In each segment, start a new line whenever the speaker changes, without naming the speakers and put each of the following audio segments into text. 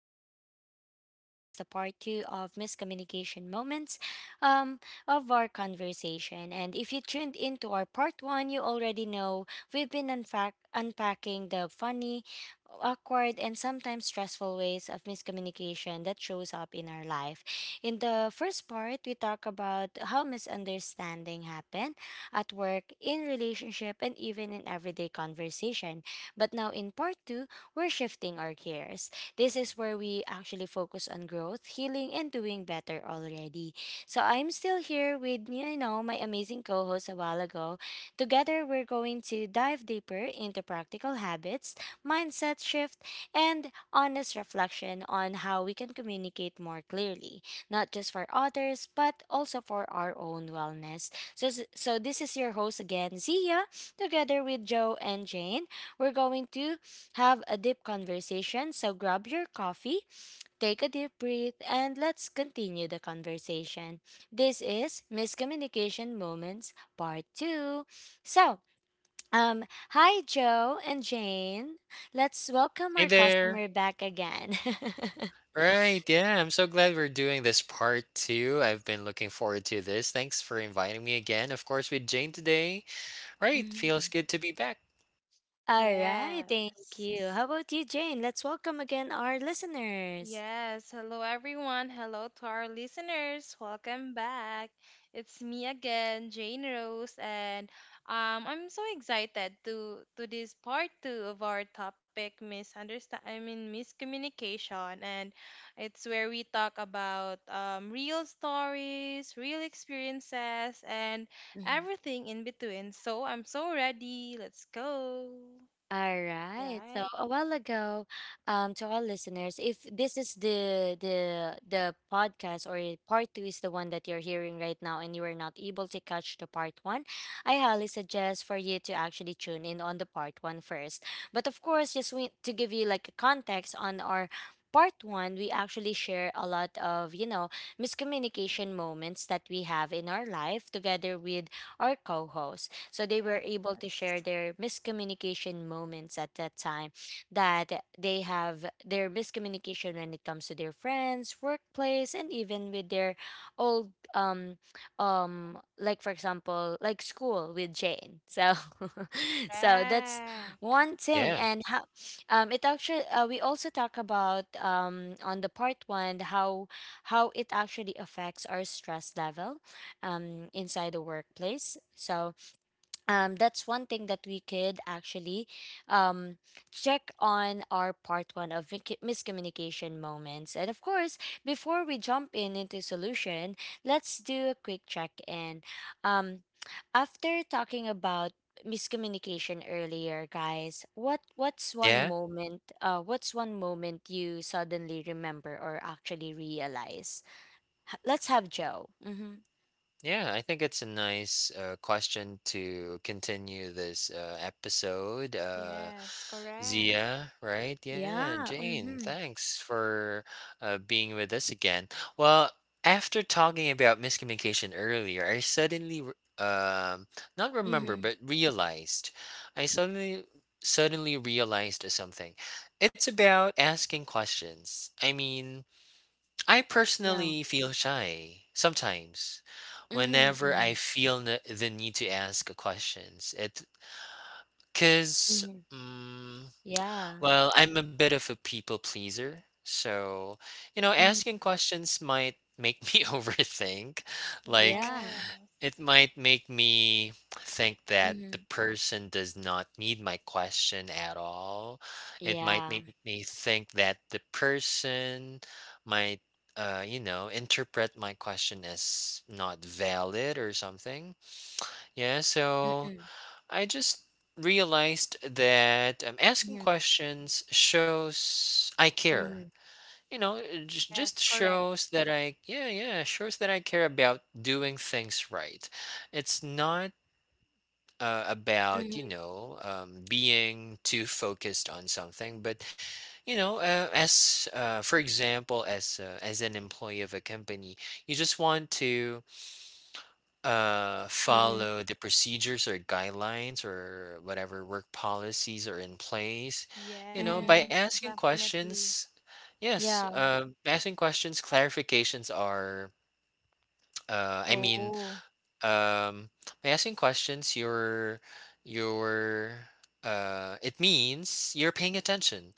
Diaries. This is the part two of miscommunication moments um, of our conversation. And if you tuned into our part one, you already know we've been unpacking the funny, awkward, and sometimes stressful ways of miscommunication that shows up in our life. In the first part, we talk about how misunderstanding happen at work, in relationship, and even in everyday conversation. But now in part two, we're shifting our gears. This is where we actually focus on growth, healing, and doing better already. So I'm still here with, you know, my amazing co host a while ago. Together, we're going to dive deeper into practical habits, mindset shift, and honest reflection on how we can communicate more clearly, not just for others, but also for our own wellness. So this is your host again, Zia, together with Joe and Jane. We're going to have a deep conversation, so grab your coffee, take a deep breath, and let's continue the conversation. This is Miscommunication Moments Part 2. So, um, Hi Joe and Jane. Let's welcome
Hey
our
there.
customer back again.
Right, yeah, I'm so glad we're doing this part two. I've been looking forward to this. Thanks for inviting me again, of course, with Jane today. Right, feels
Mhm.
good to be back.
All right, thank you.
Yes.
How about you, Jane? Let's welcome again our listeners.
Yes. Hello, everyone. Hello to our listeners. Welcome back. It's me again, Jane Rose, and I'm so excited to this part two of our topic, misunderstand. I mean, miscommunication, and it's where we talk about real stories, real experiences, and everything in between. So I'm so ready. Let's go.
All right.
Right.
So a while ago, to all listeners, if this is the podcast or part two is the one that you're hearing right now, and you were not able to catch the part one, I highly suggest for you to actually tune in on the part one first. But of course, to give you like a context on our part one, we actually share a lot of, you know, miscommunication moments that we have in our life together with our co-host. So they were able to share
Yes.
their miscommunication moments at that time that they have their miscommunication when it comes to their friends, workplace, and even with their old like, for example, like school with Jane. So so that's
Correct.
one thing.
Yeah,
And how it actually we also talk about on the part one how it actually affects our stress level inside the workplace. So that's one thing that we could actually um, check on our part one of miscommunication moments. And of course, before we jump in into solution, let's do a quick check in. Um, After talking about miscommunication earlier, guys, what's
yeah.
one moment? What's one moment you suddenly remember or actually realize? Let's have Joe. Mm-hmm.
Yeah, I think it's a nice question to continue this episode.
Yes, correct.
Zia, right? Yeah,
Yeah.
Jane,
Mm-hmm.
thanks for being with us again. Well, after talking about miscommunication earlier, I not remember,
Mm-hmm.
but realized, I suddenly realized something. It's about asking questions. I mean, I
Yeah.
personally feel shy sometimes whenever
Mm-hmm.
I feel the need to ask a questions. It cuz
Mhm.
mm
Yeah.
well, I'm a bit of a people pleaser. So, you know,
Mhm.
asking questions might make me overthink. Like,
Yeah.
it
Yes.
might make me think that the
Mhm.
person does not need my question at all. It might
Yeah.
make me think that the person might, you know, interpret my question as not valid or something. Yeah, so
Mm-mm.
I just realized that asking
Mhm.
questions shows I care
Mhm.
you know it just just
Yes, correct.
shows that I shows that I care about doing things right. It's not about
Mhm.
being too focused on something, but you know, as for example, as an employee of a company, you just want to
Mhm.
follow the procedures or guidelines or whatever work policies are in place, you know, by
Mhm.
Yes,
asking
definitely.
questions. Yes
Yeah.
Asking questions, clarifications are, uh i mean
Oh.
um by asking questions, you're it means you're paying attention,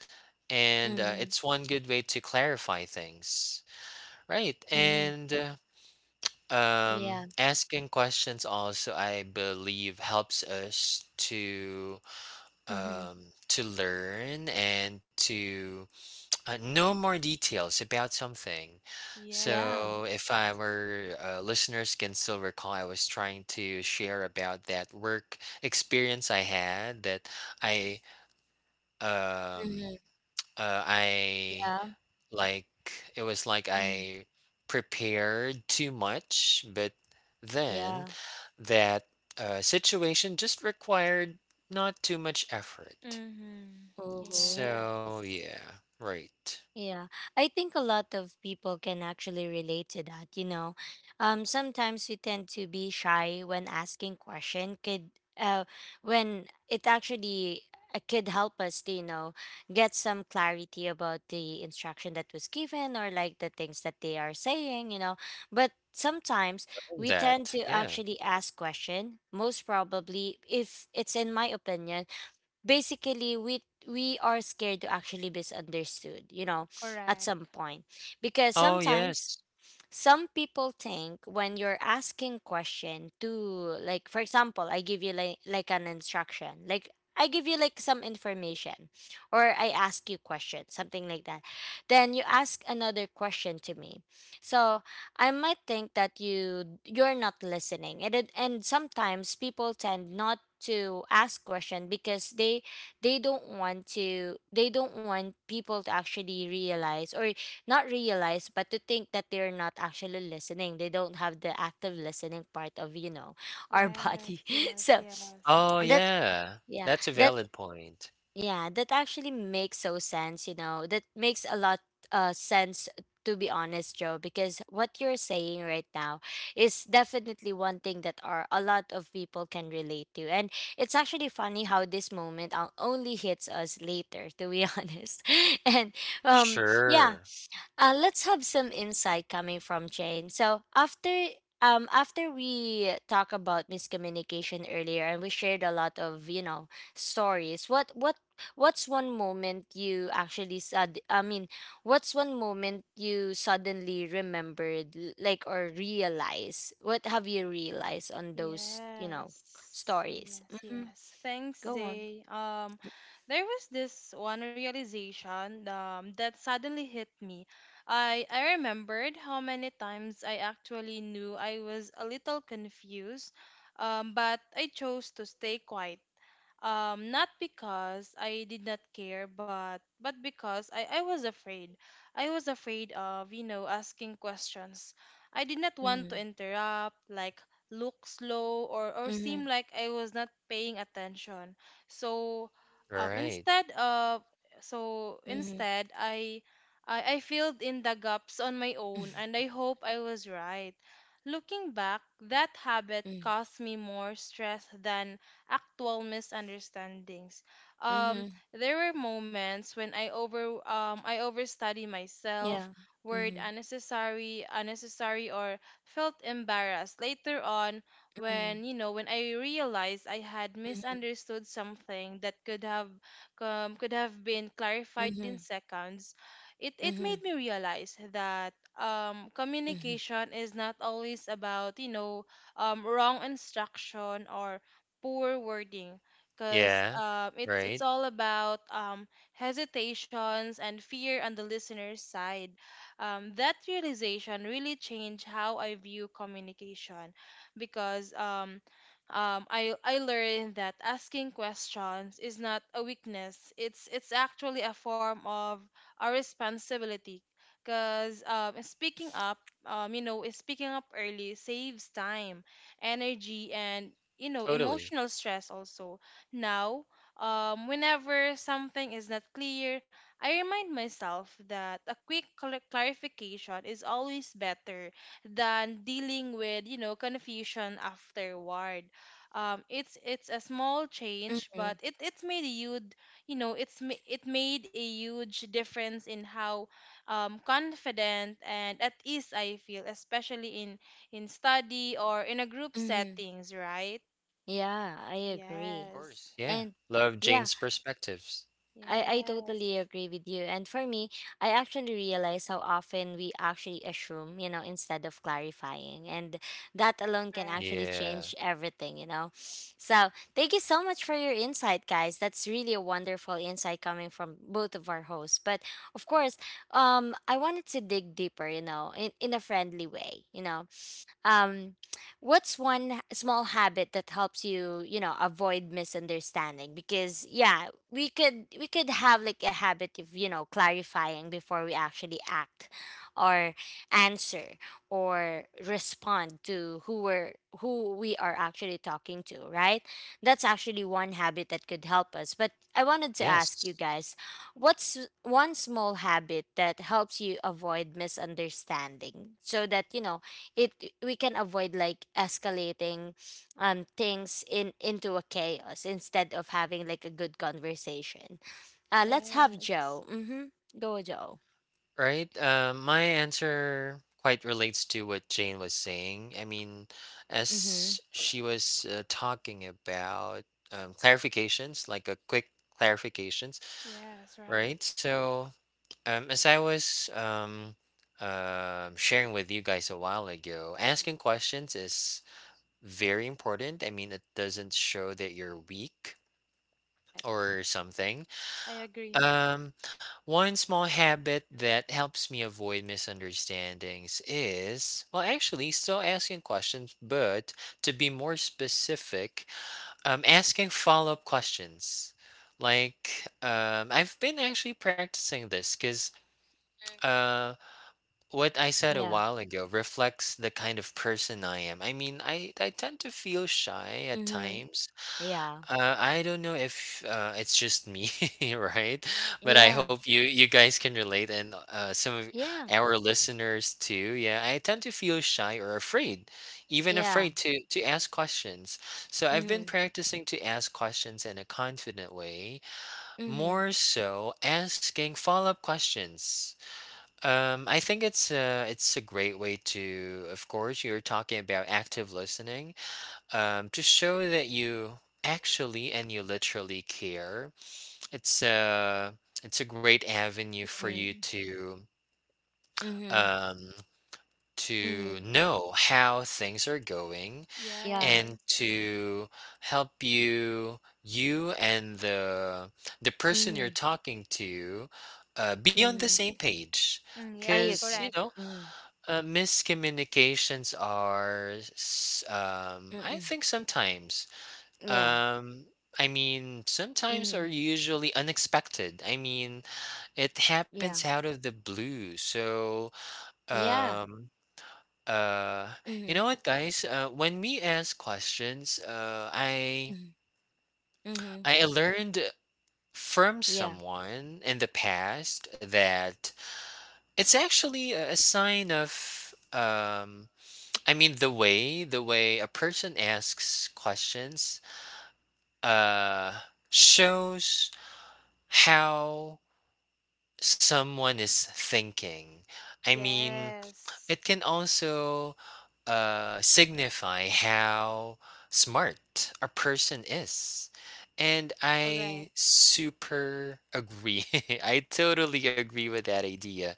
and
Mhm.
it's one good way to clarify things, right?
Mhm.
And
Yeah.
asking questions also, I believe, helps us
Mhm.
to learn and to know more details about something.
Yeah.
So, if
Yes.
our listeners can still recall, I was trying to share about that work experience I had that I um,
Mhm.
I
Yeah.
like it was like
Mhm.
I prepared too much, but then
Yeah.
that situation just required not too much effort.
Mm-hmm.
Oh.
So
Yes.
yeah, right.
Yeah, I think a lot of people can actually relate to that. You know, sometimes we tend to be shy when asking question. Could uh, when it actually could help us to, you know, get some clarity about the instruction that was given or like the things that they are saying. You know, but sometimes
Love
we tend
that,
to
yeah.
actually ask question most probably, if it's in my opinion, basically we are scared to actually misunderstood, you know, at some
Correct.
point, because
Oh
sometimes
yes.
some people think when you're asking question to, like for example I give you like an instruction, like I give you like some information, or I ask you question something like that, then you ask another question to me. So I might think that you're not listening. And sometimes people tend not to ask question because they don't want to, they don't want people to actually realize or not realize, but to think that they're not actually listening, they don't have the active listening part of, you know, our body.
Yes, yes,
So
yes.
Oh
that
yeah.
yeah,
That's a
that
valid point.
yeah, that actually makes so sense, you know, that makes a lot sense, to be honest, Joe, because what you're saying right now is definitely one thing that are a lot of people can relate to. And it's actually funny how this moment only hits us later, to be honest. And Yeah,
Sure.
let's have some insight coming from Jane. So after after we talk about miscommunication earlier and we shared a lot of, you know, stories, what what's one moment you actually said, I mean, what's one moment you suddenly remembered, like, or realize? What have you realized on those, you know,
Yes,
stories?
yes,
Mm-hmm.
yes. Thanks,
Go on.
Zay. There was this one realization that suddenly hit me. I remembered how many times I actually knew I was a little confused, but I chose to stay quiet not because I did not care but because I was afraid I was afraid of asking questions. I did not want to
Mm-hmm.
interrupt, like look slow, or
Mm-hmm.
seem like I was not paying attention. So
Right.
instead of so
Mm-hmm.
instead I filled in the gaps on my own and I hope I was right. Looking back, that habit
Mm-hmm.
caused me more stress than actual misunderstandings. Um,
Mm-hmm.
there were moments when I overstudy myself,
Yeah.
word
Mm-hmm.
unnecessary, unnecessary, or felt embarrassed. Later on,
Mm-hmm.
when when I realized I had
Mm-hmm.
misunderstood something that could have been clarified in
Mm-hmm,
seconds, it
mm-hmm,
made me realize that
mm-hmm,
communication is not always about wrong instruction or poor wording, because
Yeah.
it's it's
Right.
all about um, hesitations and fear on the listener's side. That realization really changed how I view communication because I learned that asking questions is not a weakness. It's actually a form of a responsibility, because speaking up. Speaking up early saves time, energy, and
Totally.
emotional stress also. Now, whenever something is not clear, I remind myself that a clarification is always better than dealing with confusion afterward. It's a small change,
mm-hmm,
but it, it's made a huge you know it's ma- it made a huge difference in how confident and at ease I feel, especially in study or in a group
mm-hmm.
settings, right?
Yeah, I
Of
agree.
Yes.
course. Yeah.
And
Love
yeah,
Jane's perspectives.
I
Yes.
totally agree with you. And for me, I actually realize how often we actually assume, you know, instead of clarifying. And that alone can
Correct.
actually
Yeah.
change everything, you know. So thank you so much for your insight, guys. That's really a wonderful insight coming from both of our hosts. But of course, I wanted to dig deeper, you know, in a friendly way, you know. Um, what's one small habit that helps you, you know, avoid misunderstanding? Because yeah, we could have like a habit of, you know, clarifying before we actually act, or answer or respond to who we are actually talking to. Right? That's actually one habit that could help us. But I wanted to ask you
Yes.
guys, what's one small habit that helps you avoid misunderstanding, so that, you know, it we can avoid like escalating things in into a chaos instead of having like a good conversation. Let's have
Yes.
Joe. Mhm. Go Joe.
Right. My answer quite relates to what Jane was saying. I mean,
Mhm.
as she was talking about clarifications, like a quick clarifications,
Yes, right.
right? So, as I was sharing with you guys a while ago, asking questions is very important. I mean, it doesn't show that you're weak
Correct.
or something.
I agree.
Um, one small habit that helps me avoid misunderstandings is, well, actually, still asking questions, but to be more specific, asking follow up questions. Like, I've been actually practicing this because uh, what I said a
Yeah.
while ago reflects the kind of person I am. I mean, I tend to feel shy at
Mhm.
times.
Yeah.
I don't know if it's just me, right? But I
Yeah.
hope you guys can relate, and some of
Yeah.
our listeners too. Yeah, I tend to feel shy or afraid, even
Yeah.
afraid to ask questions. So I've been
Mhm.
practicing to ask questions in a confident way,
Mhm.
more so asking follow-up questions. I think it's a great way to, of course, you're talking about active listening, to show that you actually and you literally care. It's a, it's a great avenue for you
Mhm. Mhm.
um, to
Mhm.
know how things are going,
Yeah.
and
Yes.
to help you and the person you're
Mhm.
talking to, be on the
Mhm.
same page.
Mm,
I
yes,
Because, you
agree.
know,
correct.
Mhm.
miscommunications are, I
Mhm.
think sometimes,
Yeah.
Um, I mean, sometimes are
Mhm.
usually unexpected. I mean, it happens
Yeah.
out of the blue. So,
Yeah.
um, uh, you
Mhm.
know what, guys? Uh, when we ask questions, uh, I
Mhm. Mhm.
I learned from
Yeah.
someone in the past that it's actually a sign of I mean, the way a person asks questions, uh, shows how someone is thinking. I mean,
Yes.
it can also signify how smart a person is. And I
Correct.
super agree. I totally agree with that idea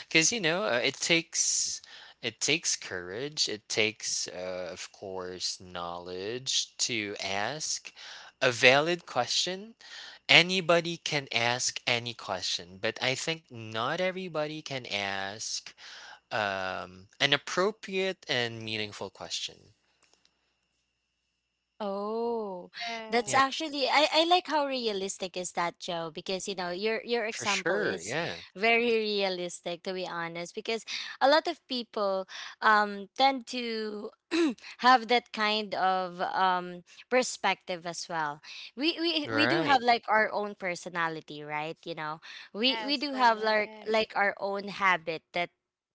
because you know, it takes courage. It takes, of course, knowledge to ask a valid question. Anybody can ask any question, but I think not everybody can ask an appropriate and meaningful question.
Oh,
Yeah,
that's
Yeah.
actually I, I like how realistic is that, Joe, because, you know, your
for
example
sure.
is
Yeah,
very realistic, to be honest, because a lot of people tend to have that kind of perspective as well. We we do
right.
have like our own personality, right? You know,
Yes,
we do have like
correct.
our own habit, that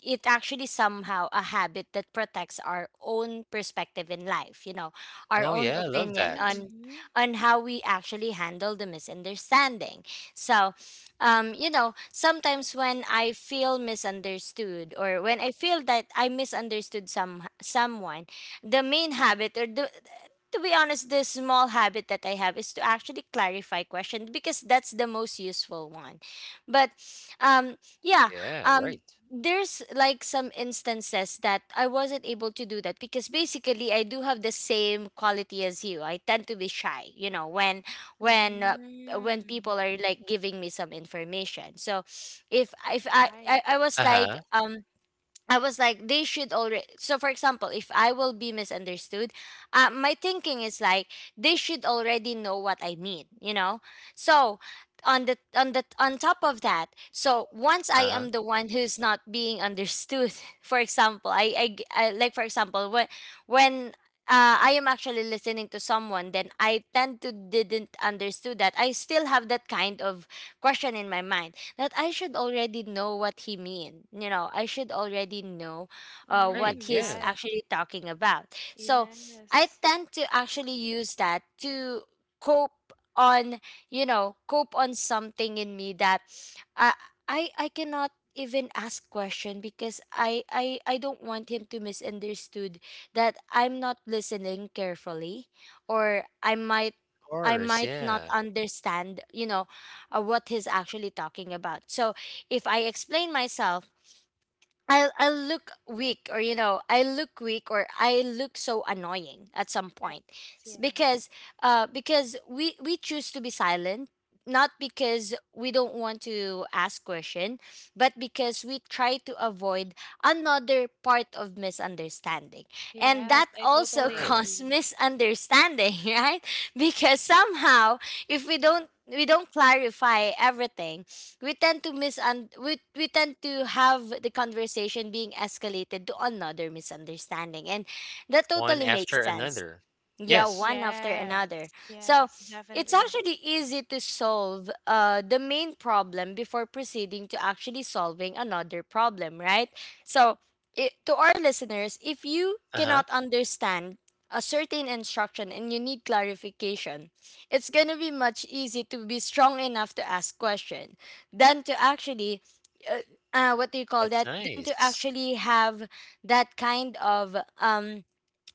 it actually somehow a habit that protects our own perspective in life, you know, our
Oh,
own
yeah, I love
opinion
Mm-hmm,
that.
on
mm-hmm.
on how we actually handle the misunderstanding. So, you know, sometimes when I feel misunderstood or when I feel that I misunderstood someone, the main habit, or the, to be honest, the small habit that I have is to actually clarify questions, because that's the most useful one. But um, yeah,
Yeah,
um,
right.
there's like some instances that I wasn't able to do that because basically I do have the same quality as you. I tend to be shy, you know, when when uh, when people
Mm,
are like giving me some information. So if
right.
I
Uh
was like,
huh.
I was like, they should already. So, for example, if I will be misunderstood, my thinking is like they should already know what I mean, you know. So, on the on top of that, so once
Uh
I
huh.
am the one who's not being understood, for example, like, for example, when I am actually listening to someone, then I tend to didn't understood that I still have that kind of question in my mind, that I should already know what he mean. You know, I should already know
Right.
what
Mm,
he's
Yeah, of
right.
actually talking about. So I
Yes.
tend to actually use that to cope on, you know, cope on something in me that I I cannot even ask question because, I don't want him to misunderstood that I'm not listening carefully, or I
course.
might not
Yeah,
understand, you know, or what he's actually talking about. So if I explain myself, I look weak, or, you know, I look weak or I look so annoying at some
Yes.
point.
Yeah.
Because because we choose to be silent, not because we don't want to ask question, but because we try to avoid another part of misunderstanding, and
Yes,
that
I
also
totally
true.
causes
agree.
misunderstanding, right? Because somehow, if we don't we don't clarify everything, we tend to have the conversation being escalated to another misunderstanding, and that
One
totally makes
after
sense.
another.
Yeah,
Yes.
one after
Yes.
another. So
Yes,
it's
definitely.
actually easy to solve the main problem before proceeding to actually solving another problem, right? So, to our listeners, if you
Uh huh.
cannot understand a certain instruction and you need clarification, it's going to be much easy to be strong enough to ask question than to actually, uh, what do you call
That's
that? Than to
nice.
actually have that kind of.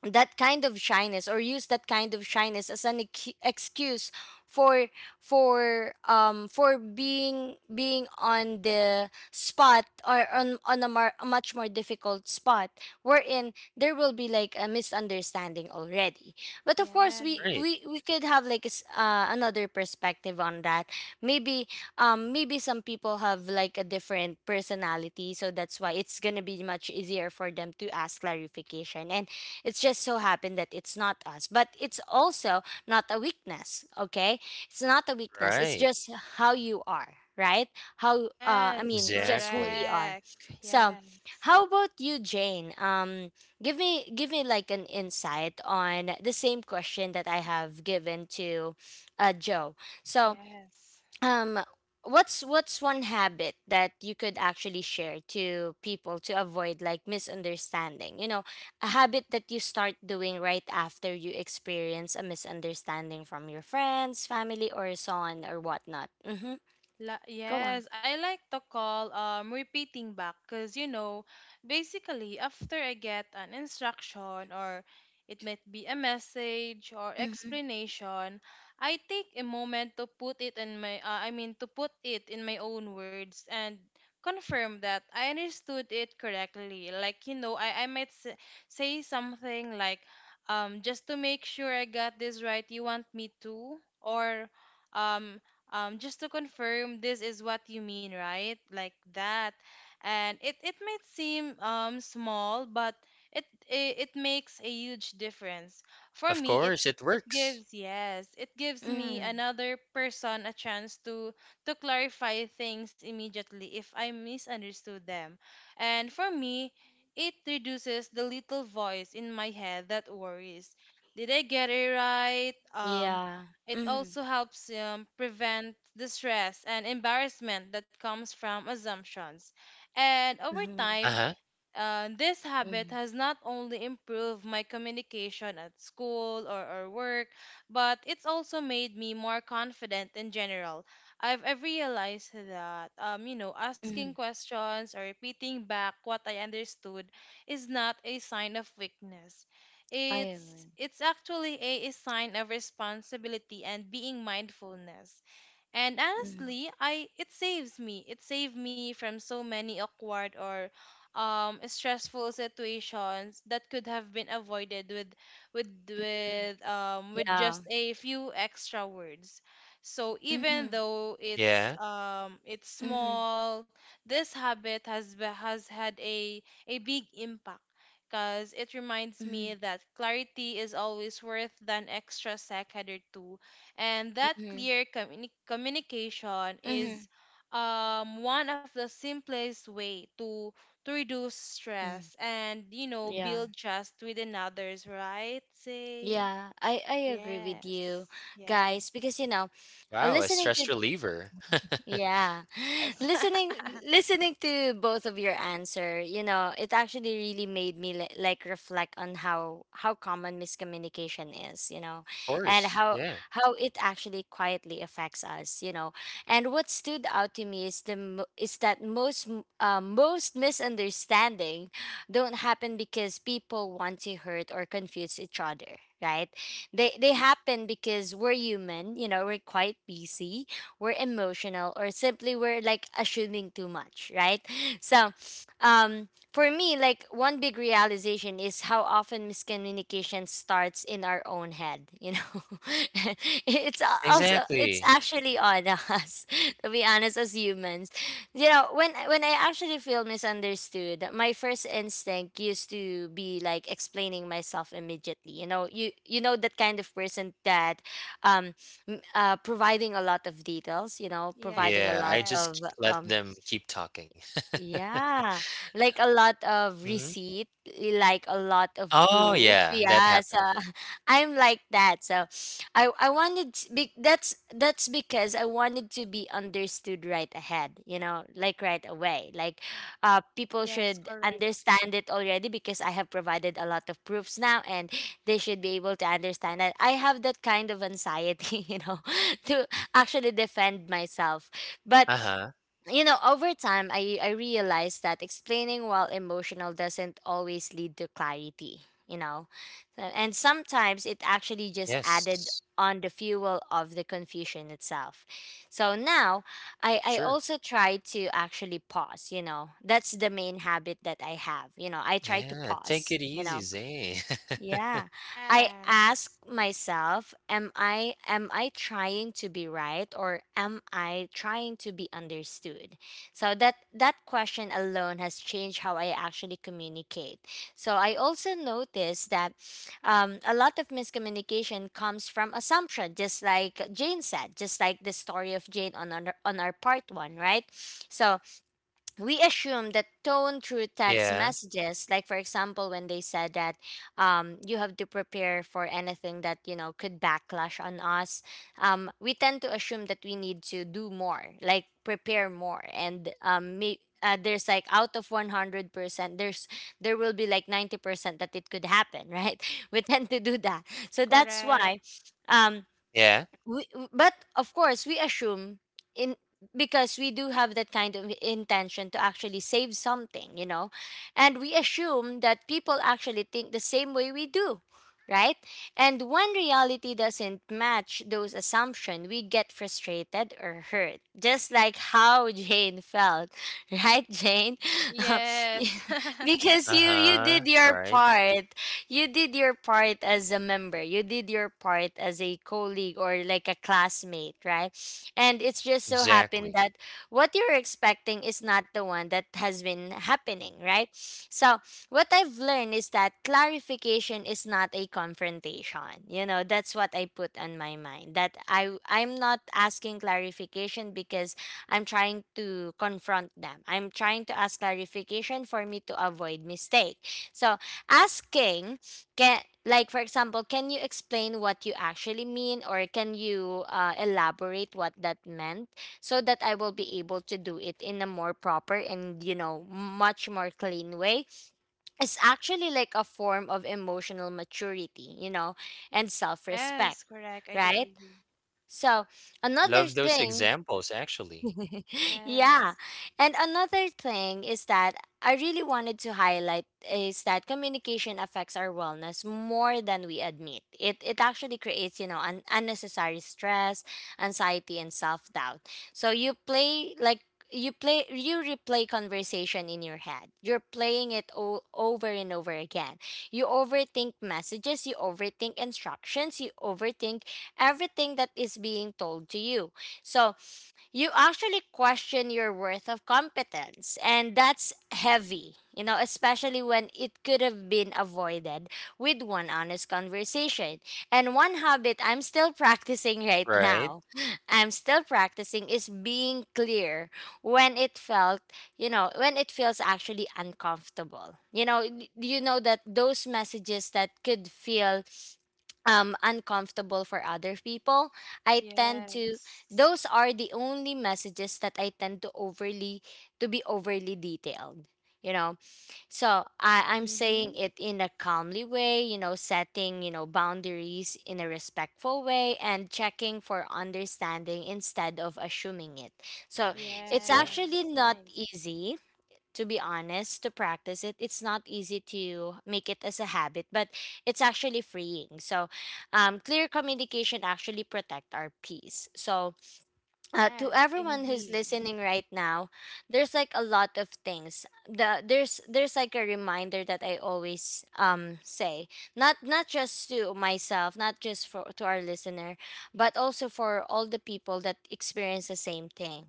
That kind of shyness or use that kind of shyness as an excuse for for being on the spot or on on a much more difficult spot wherein there will be like a misunderstanding already. But of course we
Right.
Yes.
we we could have like a s another perspective on that. Maybe maybe some people have like a different personality, so that's why it's gonna be much easier for them to ask clarification, and it's just so happened that it's not us, but it's also not a weakness. Okay, it's not a weakness. It's
Right.
just how you are, right? How I
Yes,
mean, it's just who we
Exactly.
are.
correct.
So,
Yeah,
how about you, Jane? Give me like an insight on the same question that I have given to Joe. So,
yes.
um, what's one habit that you could actually share to people to avoid like misunderstanding? You know, a habit that you start doing right after you experience a misunderstanding from your friends, family, or so on or whatnot. Mm-hmm. Go on.
Yes, I like to call repeating back, because basically, after I get an instruction or it might be a message or
Mm-hmm.
explanation, I take a moment to put it in my I mean to put it in my own words and confirm that I understood it correctly. Like, I might say something like just to make sure I got this right, you want me to, or um just to confirm, this is what you mean, right? Like that. And it might seem small, but it makes a huge difference. For
Of
me, it
course, it
it
works.
gives yes, it gives me
Mm-hmm.
another person a chance to clarify things immediately if I misunderstood them. And for me, it reduces the little voice in my head that worries. Did I get it right?
Yeah.
It
Mm-hmm.
also helps prevent the stress and embarrassment that comes from assumptions. And over
Mm-hmm.
Uh
time,
huh.
this habit
Mm-hmm.
has not only improved my communication at school or work, but it's also made me more confident in general. I've realized that, asking
Mm-hmm.
questions or repeating back what I understood is not a sign of weakness.
I
It's
agree.
it's actually a sign of responsibility and being mindfulness. And
Mm-hmm.
honestly, I it saves me. It saved me from so many awkward or stressful situations that could have been avoided with
Mm-hmm.
with
Yeah.
just a few extra words. So even
Mm-hmm.
though
Yeah.
it's
Mm-hmm.
small, this habit has be- has had a big impact, because it reminds me
Mm-hmm.
that clarity is always worth an extra second or two, and that clear communication
Mm-hmm.
is one of the simplest way to reduce
Mm-hmm.
stress and
Yeah.
build trust within others, right? Say
Yeah, I agree with you
yes, yes,
guys because you know,
Wow, a
listening
stress
to
reliever.
yeah.
yes,
Listening to both of your answer, you know, it actually really made me like reflect on how common miscommunication is, you know,
Of
and
course, yeah.
how it actually quietly affects us, you know. And what stood out to me is that most misunderstanding don't happen because people want to hurt or confuse each other, right? They happen because we're human, you know, we're quite busy, we're emotional, or simply we're like assuming too much, right? So, for me, like one big realization is how often miscommunication starts in our own head. You know, it's a- also it's
Exactly.
actually on us to be honest as humans. You know, when I actually feel misunderstood, my first instinct used to be like explaining myself immediately. You know, you know that kind of person that, um, providing a lot of details, you know, providing
yes,
a
Yeah,
lot
I
yes,
just
of
k let
um,
them keep talking.
yeah, like a lot of
Mhm.
receipt, like a lot of
Oh,
proof.
yeah, that
Yeah, so
happens.
I'm like that. So I wanted to be, that's because I wanted to be understood right ahead, you know, like right away. Like people
yes.
should
Correct.
understand it already because I have provided a lot of proofs now, and they should be able to understand that I have that kind of anxiety, you know, to actually defend myself. But
Uh-huh.
you know, over time, I realized that explaining while emotional doesn't always lead to clarity, you know. And sometimes it actually just added
Yes.
on the fuel of the confusion itself. So now I
Sure.
also try to actually pause, you know. That's the main habit that I have, you know. I try to
Yeah, take
pause,
it
you
easy,
know,
Zay.
yeah. I
Yes,
ask myself, am I trying to be right, or am I trying to be understood? So that that question alone has changed how I actually communicate. So I also noticed that a lot of miscommunication comes from assumption, just like Jane said, just like the story of Jane on on our part one, right? So we assume that tone through text
Yeah,
messages, like for example, when they said that you have to prepare for anything that you know could backlash on us, we tend to assume that we need to do more, like prepare more, and there's like, out of 100% there's there will be like 90% that it could happen, right? We tend to do that. So that's
correct.
why um,
yeah.
but of course we assume in because we do have that kind of intention to actually save something, you know, and we assume that people actually think the same way we do, right? And when reality doesn't match those assumptions, we get frustrated or hurt, just like how Jane felt. Right, Jane?
Yes,
Because you
Uh-huh,
did your
right.
part. You did your part as a member. You did your part as a colleague or like a classmate, right? And it's just so happened
Exactly.
that what you're expecting is not the one that has been happening, right? So, what I've learned is that clarification is not a confrontation. You know, that's what I put on my mind. That I'm not asking clarification because I'm trying to confront them. I'm trying to ask clarification for me to avoid mistake. So, asking, can, like for example, can you explain what you actually mean, or can you elaborate what that meant so that I will be able to do it in a more proper and, you know, much more clean way. It's actually like a form of emotional maturity, you know, and self-respect,
yes, correct. I do
right?
agree.
So, another
Love those
thing,
examples, actually.
yeah.
Yes,
And another thing is that I really wanted to highlight is that communication affects our wellness more than we admit. It actually creates, you know, unnecessary stress, anxiety, and self-doubt. So you play like, you play you replay conversation in your head. You're playing it over and over again. You overthink messages, you overthink instructions, you overthink everything that is being told to you. So you actually question your worth of competence, and that's heavy, you know, especially when it could have been avoided with one honest conversation. And one habit I'm still practicing right
Right?
now, I'm still practicing, is being clear when it felt, you know, when it feels actually uncomfortable. You know, you know that those messages that could feel uncomfortable for other people, I tend to,
yes.
those are the only messages that I tend to overly, to be overly detailed. You know, so I'm saying
Mm-hmm.
it in a calmly way, you know, setting, you know, boundaries in a respectful way, and checking for understanding instead of assuming it. So
Nice,
it's
yeah.
actually
Yes,
not
nice.
easy, to be honest, to practice it. It's not easy to make it as a habit, but it's actually freeing. So, clear communication actually protect our peace. So, to
Yes,
everyone who's
indeed.
listening right now, there's like a lot of things, there's like a reminder that I always say, not not just to myself, not just for to our listener, but also for all the people that experience the same thing.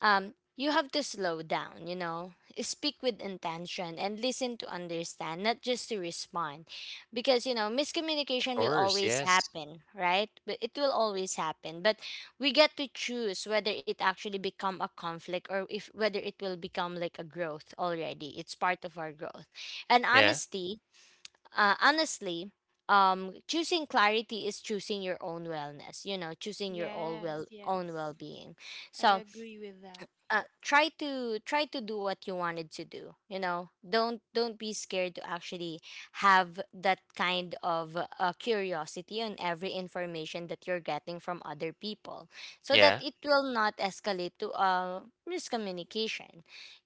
You have to slow down, you know, speak with intention and listen to understand, not just to respond. Because you know
Of
miscommunication will
course,
always
yes.
happen, right? But it will always happen. But we get to choose whether it actually become a conflict, or if whether it will become like a growth already. It's part of our growth. And
Yeah,
honesty, honestly, choosing clarity is choosing your own wellness, you know, choosing your own
Yes,
well, own
yes.
well-being.
I
So
agree with that.
try to try to do what you wanted to do, you know. Don't be scared to actually have that kind of curiosity on every information that you're getting from other people, so that
yeah.
it will not escalate to miscommunication,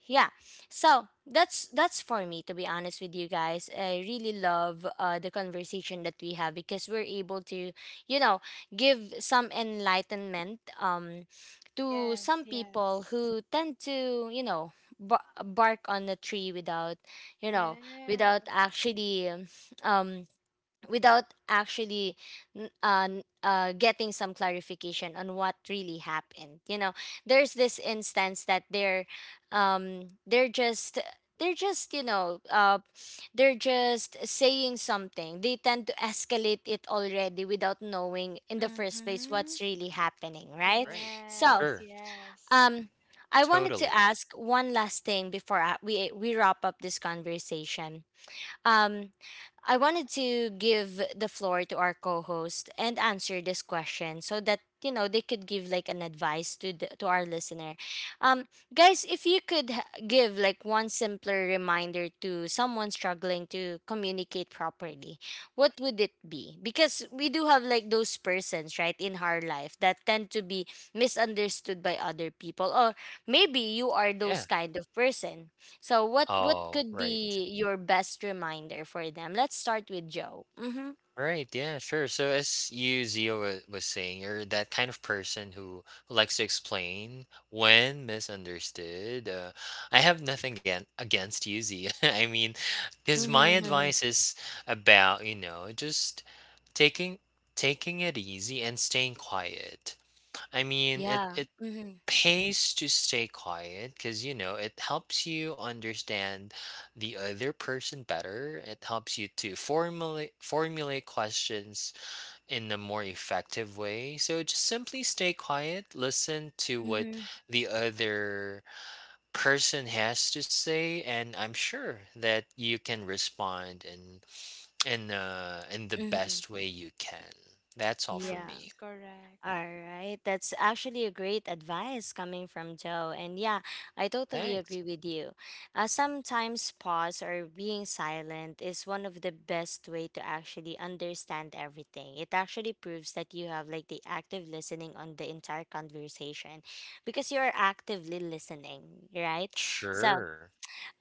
yeah. So that's for me. To be honest with you guys, I really love the conversation that we have, because we're able to, you know, give some enlightenment, to
Yes,
some people
yes.
who tend to, you know, bark on a tree without, you know, without
Yes.
actually um, without actually getting some clarification on what really happened, you know. There's this instance that they're just, they're just you know they're just saying something. They tend to escalate it already without knowing in the first place
Mm-hmm.
what's really happening, right?
Right.
So,
Yes,
Sure.
yes.
um, I wanted to
Totally.
ask one last thing before we wrap up this conversation. Um, I wanted to give the floor to our co-host and answer this question so that, you know, they could give like an advice to to our listener. Um, guys, if you could give like one simpler reminder to someone struggling to communicate properly, what would it be? Because we do have like those persons, right, in our life that tend to be misunderstood by other people, or maybe you are those
Yeah.
kind of person. So what
Oh,
could
right.
be your best reminder for them? Let's start with Joe. Mhm.
All right, yeah, sure. So as you, Zio, was saying, you're that kind of person who likes to explain when misunderstood. I have nothing again, against you, Zio. I mean, because my
Mhm. Mhm.
advice is about, you know, just taking taking it easy and staying quiet. I mean,
Yeah.
it
Mhm.
pays to stay quiet because you know it helps you understand the other person better. It helps you to formulate questions in a more effective way. So just simply stay quiet, listen to what
Mhm.
the other person has to say, and I'm sure that you can respond in in the
Mhm.
best way you can. That's all for
Yeah.
me.
Yes, correct.
All right. That's actually a great advice coming from Joe. And yeah, I totally
Thanks.
agree with you. Sometimes pause or being silent is one of the best way to actually understand everything. It actually proves that you have like the active listening on the entire conversation, because you are actively listening, right? So
Sure.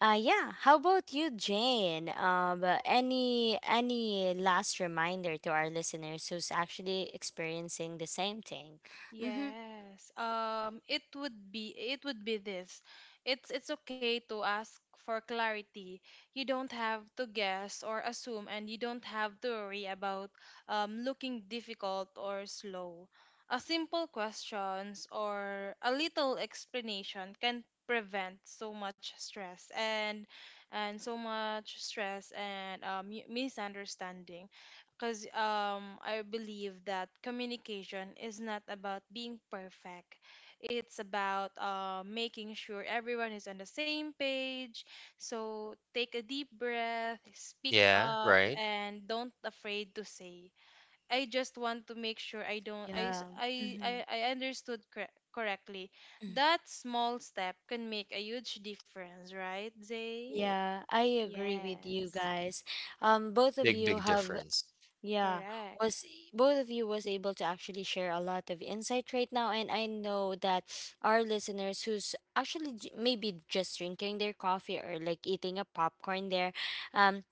yeah. How about you, Jane? Any last reminder to our listeners who's actually experiencing the same thing? Mm-hmm.
Yes. It would be it would be this. It's okay to ask for clarity. You don't have to guess or assume, and you don't have to worry about looking difficult or slow. A simple questions or a little explanation can prevent so much stress and misunderstanding, because I believe that communication is not about being perfect. It's about making sure everyone is on the same page. So take a deep breath, speak
Yeah,
up,
right.
and don't afraid to say. I just want to make sure I don't. I s-
Yeah. Mm-hmm.
I understood correctly. That small step can make a huge difference, right, Zay?
Yeah, I agree with you
Yes,
guys. Both of
Big,
you
big
have,
difference.
yeah,
correct.
was, both of you was able to actually share a lot of insight right now, and I know that our listeners who's actually maybe just drinking their coffee or like eating a popcorn there, um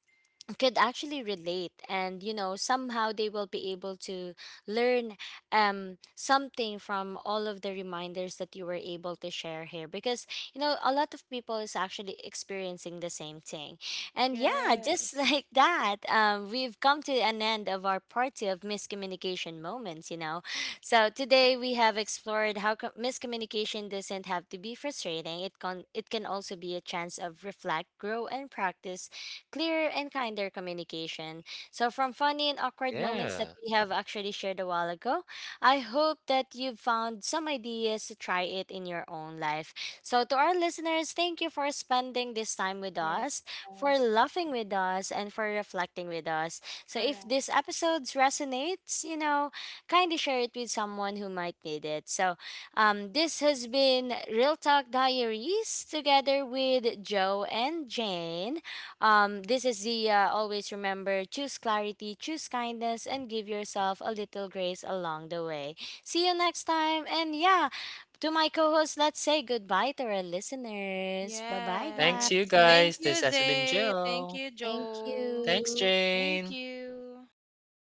could actually relate, and you know somehow they will be able to learn something from all of the reminders that you were able to share here, because you know a lot of people is actually experiencing the same thing. And yeah, just
Yes.
like that, we've come to an end of our party of miscommunication moments, you know. So today we have explored how miscommunication doesn't have to be frustrating. It can it can also be a chance of reflect, grow, and practice clearer and kinder communication. So, from funny and awkward moments that
Yeah.
we have actually shared a while ago, I hope that you've found some ideas to try it in your own life. So, to our listeners, thank you for spending this time with
Yes.
us, for
Yes,
laughing with us, and for reflecting with us. So, if
correct.
these episodes resonates, you know, kindly share it with someone who might need it. So, this has been Real Talk Diaries together with Joe and Jane. This is Zia. Always remember, choose clarity, choose kindness, and give yourself a little grace along the way. See you next time. And yeah, to my co host, let's say goodbye to our listeners. Bye bye,
Thanks,
guys.
you
Yes. Thank
guys.
you,
This has been
Zay. Thank
Joe.
you,
Thank
Joe.
Thanks,
you.
Thank
Jane.
you.
Bye, guys.